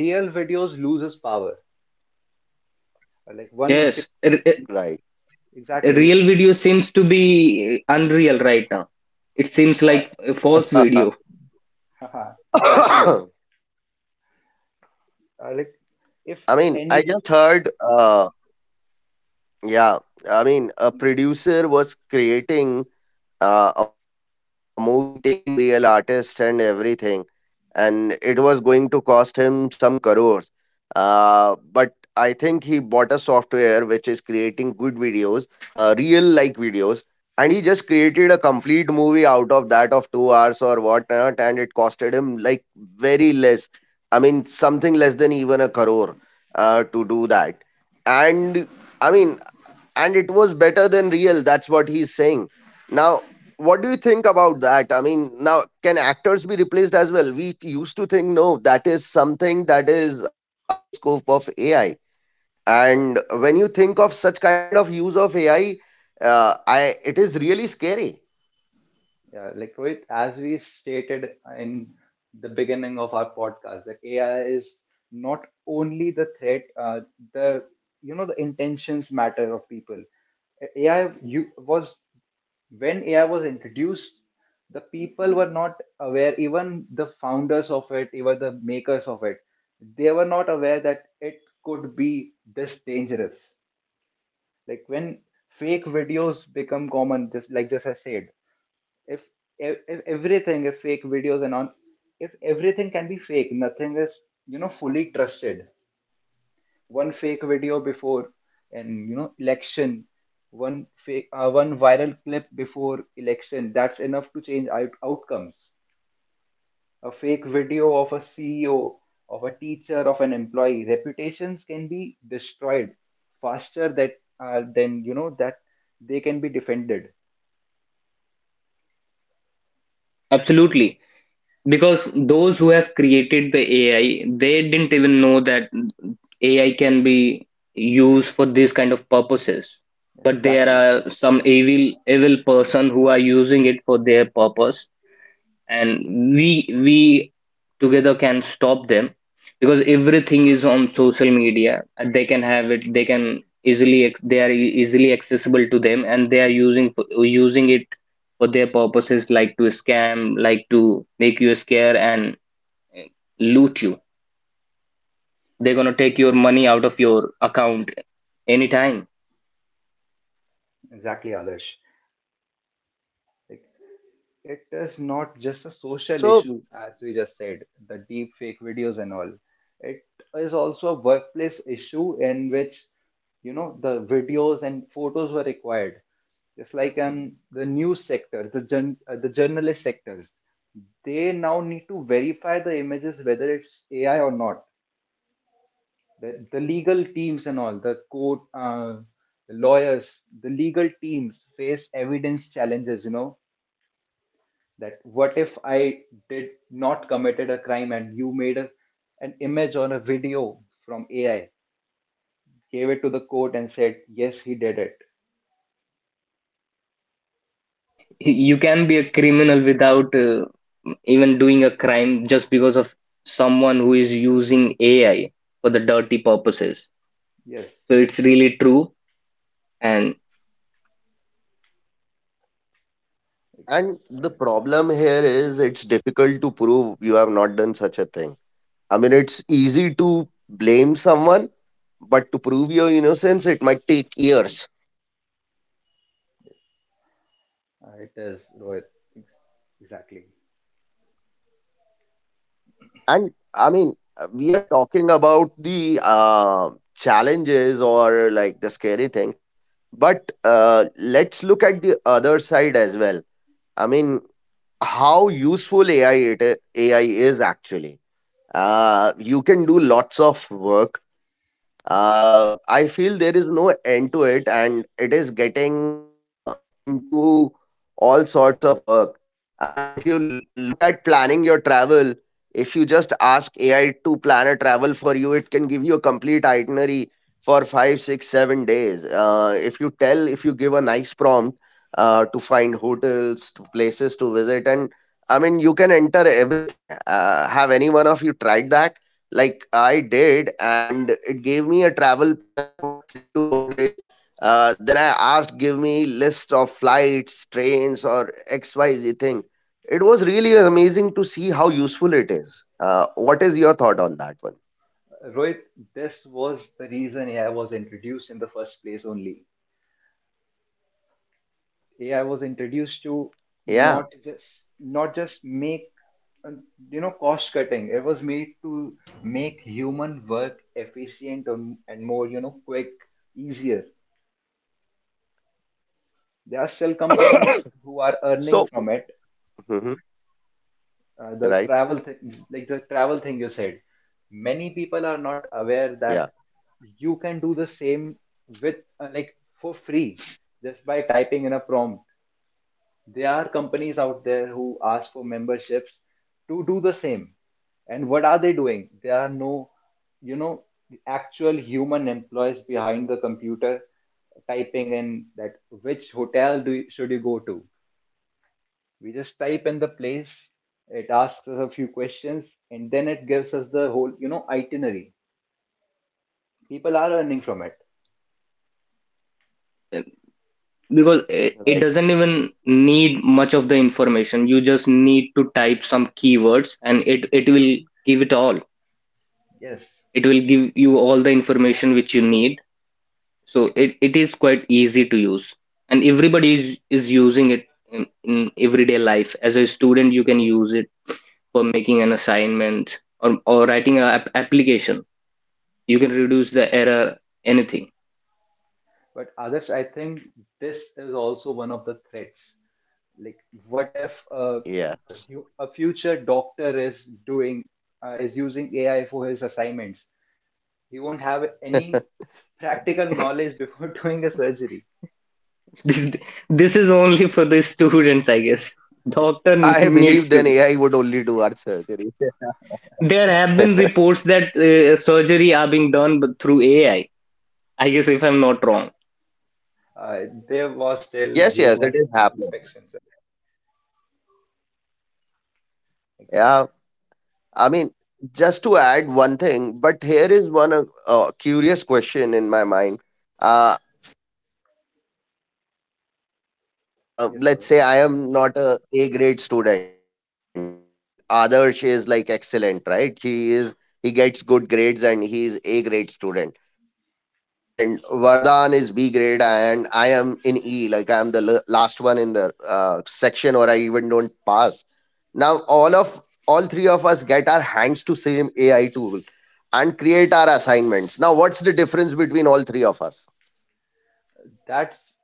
real videos loses power. Like one frame, Yes, Right. exactly. Like, real video seems to be unreal right now. It seems uh, like a false video. [COUGHS] Exactly. Like, if I mean, I any, just heard uh, yeah, I mean, a producer was creating a movie taking real artists and everything, and it was going to cost him some crores. But I think he bought a software which is creating good videos, real like videos, and he just created a complete movie out of that of 2 hours or whatnot, and it costed him like very less. I mean, something less than even a crore to do that. And i mean and it was better than real, that's what he's saying. Now, what do you think about that? I mean, now can actors be replaced as well? We used to think no, that is something that is out of scope of AI. And when you think of such kind of use of AI, I it is really scary. yeah, like Rohit, as we stated in the beginning of our podcast, that AI is not only the threat. The You know, the intentions matter of people. AI you was when AI was introduced, the people were not aware, even the founders of it, even the makers of it, they were not aware that it could be this dangerous. Like, when fake videos become common, just like just I said, if, if everything, if fake videos and on, if everything can be fake, nothing is, you know, fully trusted. One fake video before, and you know, election, one fake one viral clip before election, that's enough to change outcomes. A fake video of a CEO, of a teacher, of an employee, reputations can be destroyed faster that than, you know, that they can be defended. Absolutely. Because those who have created the AI, they didn't even know that AI can be used for these kind of purposes. Yes, But there exactly. are some evil evil person who are using it for their purpose, and we together can stop them, because everything is on social media and they can have it, they can easily they are easily accessible to them, and they are using it for their purposes, like to scam, like to make you scare and eh, loot you. They're going to take your money out of your account anytime. Exactly, others. It is not just a social issue, as we just said, So, the deep fake videos and all. It is also a workplace issue in which, you know, the videos and photos were required. Just like in the news sector, the journalist sectors, they now need to verify the images whether it's AI or not. The legal teams and all, the court, the lawyers, the legal teams face evidence challenges. You know, that what if I did not committed a crime, and you made an image or a video from AI, gave it to the court and said, yes, he did it. You can be a criminal without even doing a crime, just because of someone who is using AI for the dirty purposes. Yes. So it's really true. And and Right. the problem here is it's difficult to prove you have not done such a thing. I mean, it's easy to blame someone, but to prove your innocence, it might take years. Uh, it is, Rohit. Exactly. And I mean, we are talking about the challenges or like the scary things, but let's look at the other side as well. I mean, how AI is actually you can do lots of work. I feel there is no end to it, and it is getting into all sorts of work. I mean, if you look at planning your travel, if you just ask AI to plan a travel for you, it can give you a complete itinerary for 5 6 7 days, if you tell, if you give a nice prompt to find hotels, to places to visit, and I mean, you can enter everything. Have any one of you tried that? Like I did, and it gave me a travel plan for 3 to 4 days. Then I asked, give me list of flights, trains, or XYZ thing. It was really amazing to see how useful it is. What is your thought on that one? Rohit, this was the reason AI was introduced in the first place only. AI was introduced to not Yeah. just not just make uh, you know, cost cutting. It was made to make human work efficient and more, you know, quick, easier. There are still companies who are earning So, from it. mhm. The Right? travel thing, like the travel thing you said, many people are not aware that Yeah. you can do the same with, like, for free, just by typing in a prompt. There are companies out there who ask for memberships to do the same. And what are they doing? There are no, you know, actual human employees behind the computer typing in that which hotel should you go to. We just type in the place, it asks us a few questions, and then it gives us the whole, you know, itinerary. People are earning from it. because it doesn't even Right. need much of the information, you just need to type some keywords and it will give it all. Yes. It will give you all the information which you need. So it is quite easy to use. And everybody is using it in everyday life. As a student, you can use it for making an assignment, or writing an application. You can reduce the error, anything. But others, I think this is also one of the threats. Like, what if a Yeah. future doctor is doing, is using AI for his assignments? He won't have any practical knowledge before [LAUGHS] doing a surgery. [LAUGHS] This is only for the students, I guess. Doctor Uh, I [LAUGHS] needs believe then to. AI would only do our surgery. [LAUGHS] There have been reports that surgery are being done but through AI. I guess if I'm not wrong. uh, there was still Yes. Yes. It human is happening. inspections. Like, Yeah. I mean, just to add one thing, but here is one curious question in my mind. Uh, I am, yes, Rohit. let's say, I am not a A grade student, and Adarsh is like excellent, right? He is, he gets good grades, and he is A grade student, and Vardhan is B grade, and I am in E, like I am the last one in the section, or I even don't pass. Now all of all three of us get our hands to same AI tool and create our assignments. Now, what's the difference between all three of us? That's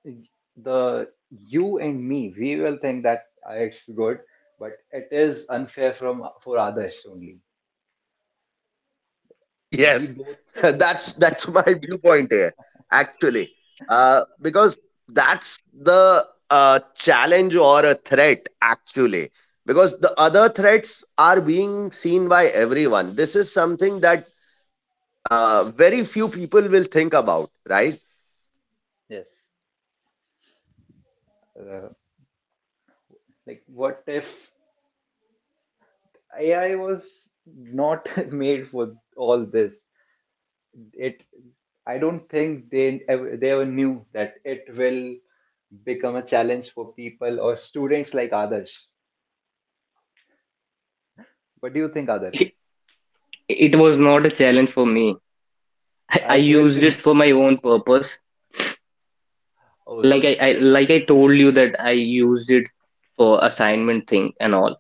the you and me. We will think that, it's good, but it is unfair from for others only. [LAUGHS] We Yes. both [LAUGHS] That's my viewpoint here actually, because that's the challenge or a threat actually, because the other threats are being seen by everyone. This is something that very few people will think about, right? yes. Uh, like, what if AI was not [LAUGHS] made for all this. It, I don't think they ever knew that it will become a challenge for people or students like others. What do you think, others? it, it was not a challenge for me. I, [LAUGHS] I It will used be. it for [LAUGHS] my own purpose. Oh, Like I so like I told you that I used it for assignment thing and all,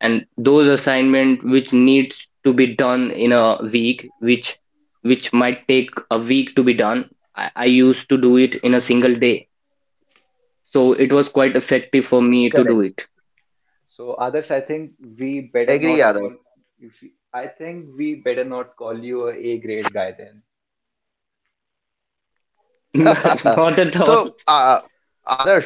and those assignment which needs to be done in a week, which might take a week to be done, I used to do it in a single day. So it was quite effective for me to do Correct. it. so others, I think we better not Agree, Adarsh. call. If we, I think we better not call you a A grade guy then. [LAUGHS] [LAUGHS] Not at all. So Adarsh what?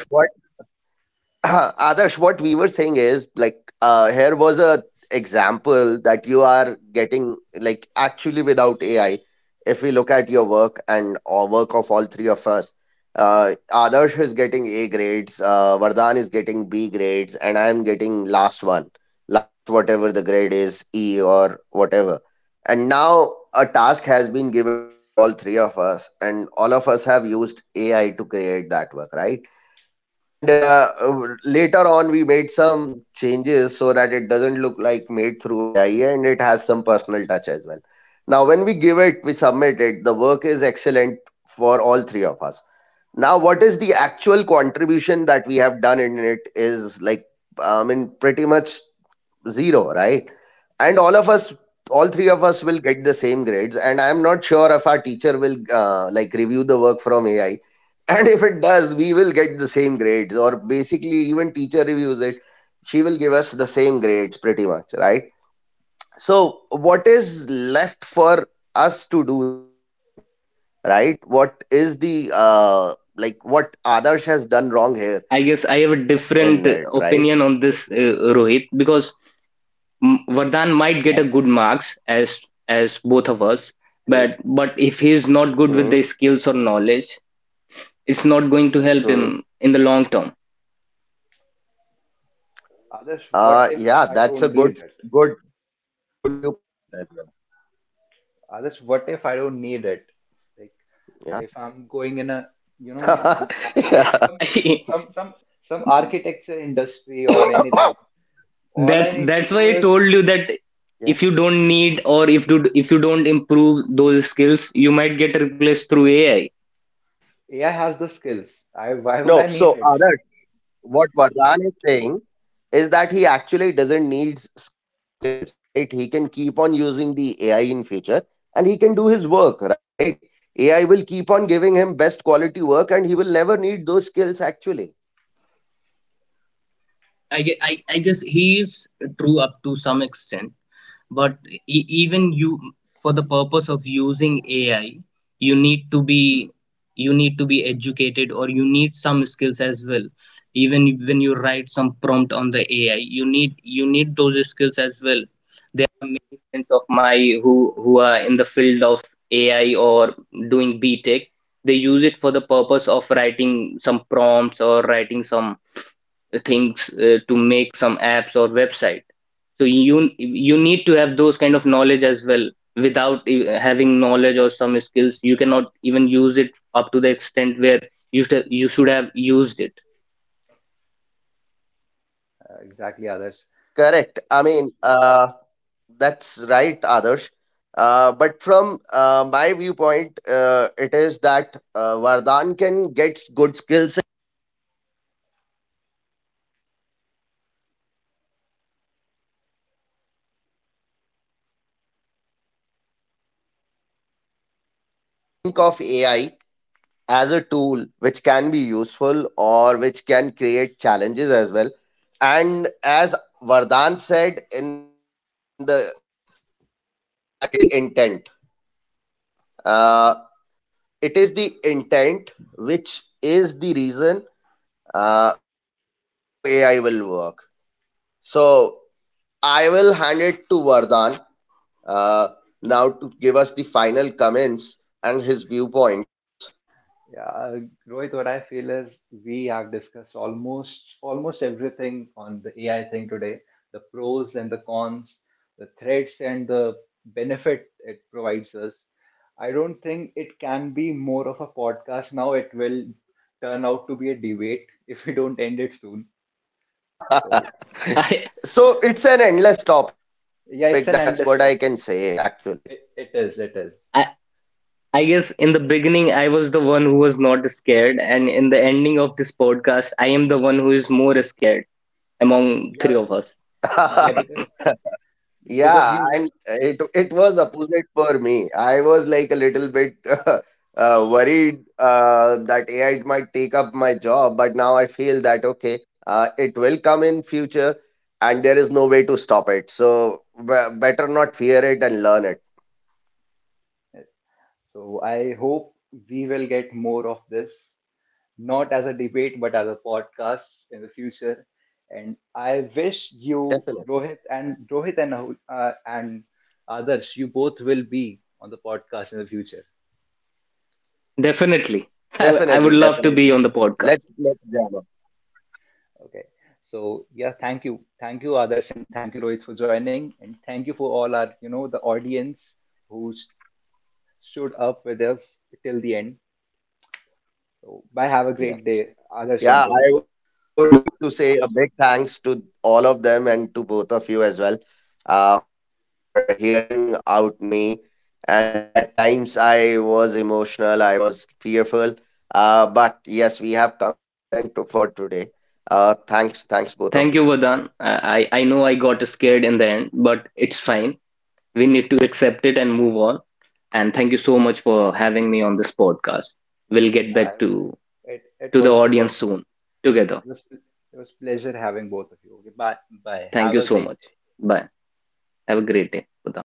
Adarsh, what we were saying is like, here was a example that you are getting, like actually without AI. If we look at your work and or work of all three of us, Adarsh is getting A grades, Vardhan is getting B grades, and I am getting last one, last whatever the grade is, E or whatever. And now a task has been given to all three of us, and all of us have used AI to create that work, right? And later on, we made some changes so that it doesn't look like made through AI and it has some personal touch as well. Now when we give it, we submit it, the work is excellent for all three of us. Now, what is the actual contribution that we have done in it is, like, I mean, pretty much zero, right? And Yes. all of us, all three of us will get the same grades. And I'm not sure if our teacher will like review the work from AI. [LAUGHS] And if it does, we will get the same grades, or basically, even teacher reviews it, she will give us the same grades pretty much, right? So, what is left for us to do then, right? What is the like, what Adarsh has done wrong here I guess I have a in it, different right? opinion on this, Rohit, because Vardhan might get a good marks as both of us, True. But if he's not good with Hmm. the skills or knowledge, it's not going to help Hmm. him in the long term. Others, what if Yeah, I that's a don't good, need it? good, good viewpoint as well. Others, what if I don't need it? Yeah, Like, if I'm going in a, you [LAUGHS] know, yeah, some some some [LAUGHS] some, some architecture industry or anything, [COUGHS] all I need to that's why do I is, told you that yeah. if you don't need, or if you don't improve those skills, you might get replaced through AI. AI has the skills. I Why would I No, need so it? Adarsh, what Vardhan is saying is that he actually doesn't need skills, right? He can keep on using the AI in future, and he can do his work, right? AI will keep on giving him best quality work, and he will never need those skills actually. Field of AI, or doing B tech, they use it for the purpose of writing some prompts or writing some things to make some apps or website. So you need to have those kind of knowledge as well. Without having knowledge or some skills, you cannot even use it up to the extent where you should have used it. Exactly, Adarsh. Correct. I mean, that's right, Adarsh. But from my viewpoint, it is that Vardhan can get good skills of AI as a tool which can be useful or which can create challenges as well. And as Vardhan said in the beginning, that it is the intent, uh, it is the intent which is the reason how AI will work. So I will hand it to Vardhan uh, now to give us the final comments and his viewpoints. Yeah, Rohit, what I feel is we have discussed almost everything on the AI thing today, the pros and the cons, the threats and the benefit it provides us. I don't think it can be more of a podcast now. It will turn out to be a debate [LAUGHS] if we don't end it soon. [LAUGHS] So [LAUGHS] I, So it's an endless topic, that's what yeah, I it's can an say endless topic. actually. It is, it is. I I guess in the beginning I was the one who was not scared, and in the ending of this podcast, I am the one who is more scared among three Yeah, of us. yeah, [LAUGHS] because Yeah, you were and because it was opposite for me. I was like a little bit [LAUGHS] worried that AI might take up my job, but now I feel that okay, it will come in future, and there is no way to stop it. So better not fear it and learn it. yeah. So I hope we will get more of this, not as a debate, but as a podcast in the future. And I wish you, Definitely, Rohit and others, you both will be on the podcast in the future. Definitely. I would definitely, love to be definitely. on the podcast. Let, let Okay. So yeah, thank you, Adarsh, and thank you, Rohit, for joining, and thank you for all our, you know, the audience who stood up with us till the end. So bye. Have a yeah. great day, Adarsh Yeah, and Rohit. I would like to say a big thanks to all of them and to both of you as well for hearing out me. And at times I was emotional, I was fearful. But yes, we have come to an end to, for today. Thanks, thanks, both of Thank you, you. Vadan. I know Okay, I got scared in the end, but it's fine. We need to accept it and move on. And thank you so much for having me on this podcast. We'll get back I- it, to the it was, audience soon together. it was, it was pleasure having both of you. Okay, bye bye. Thank Have you a so great much. day. Bye. Have a great day, Vadan.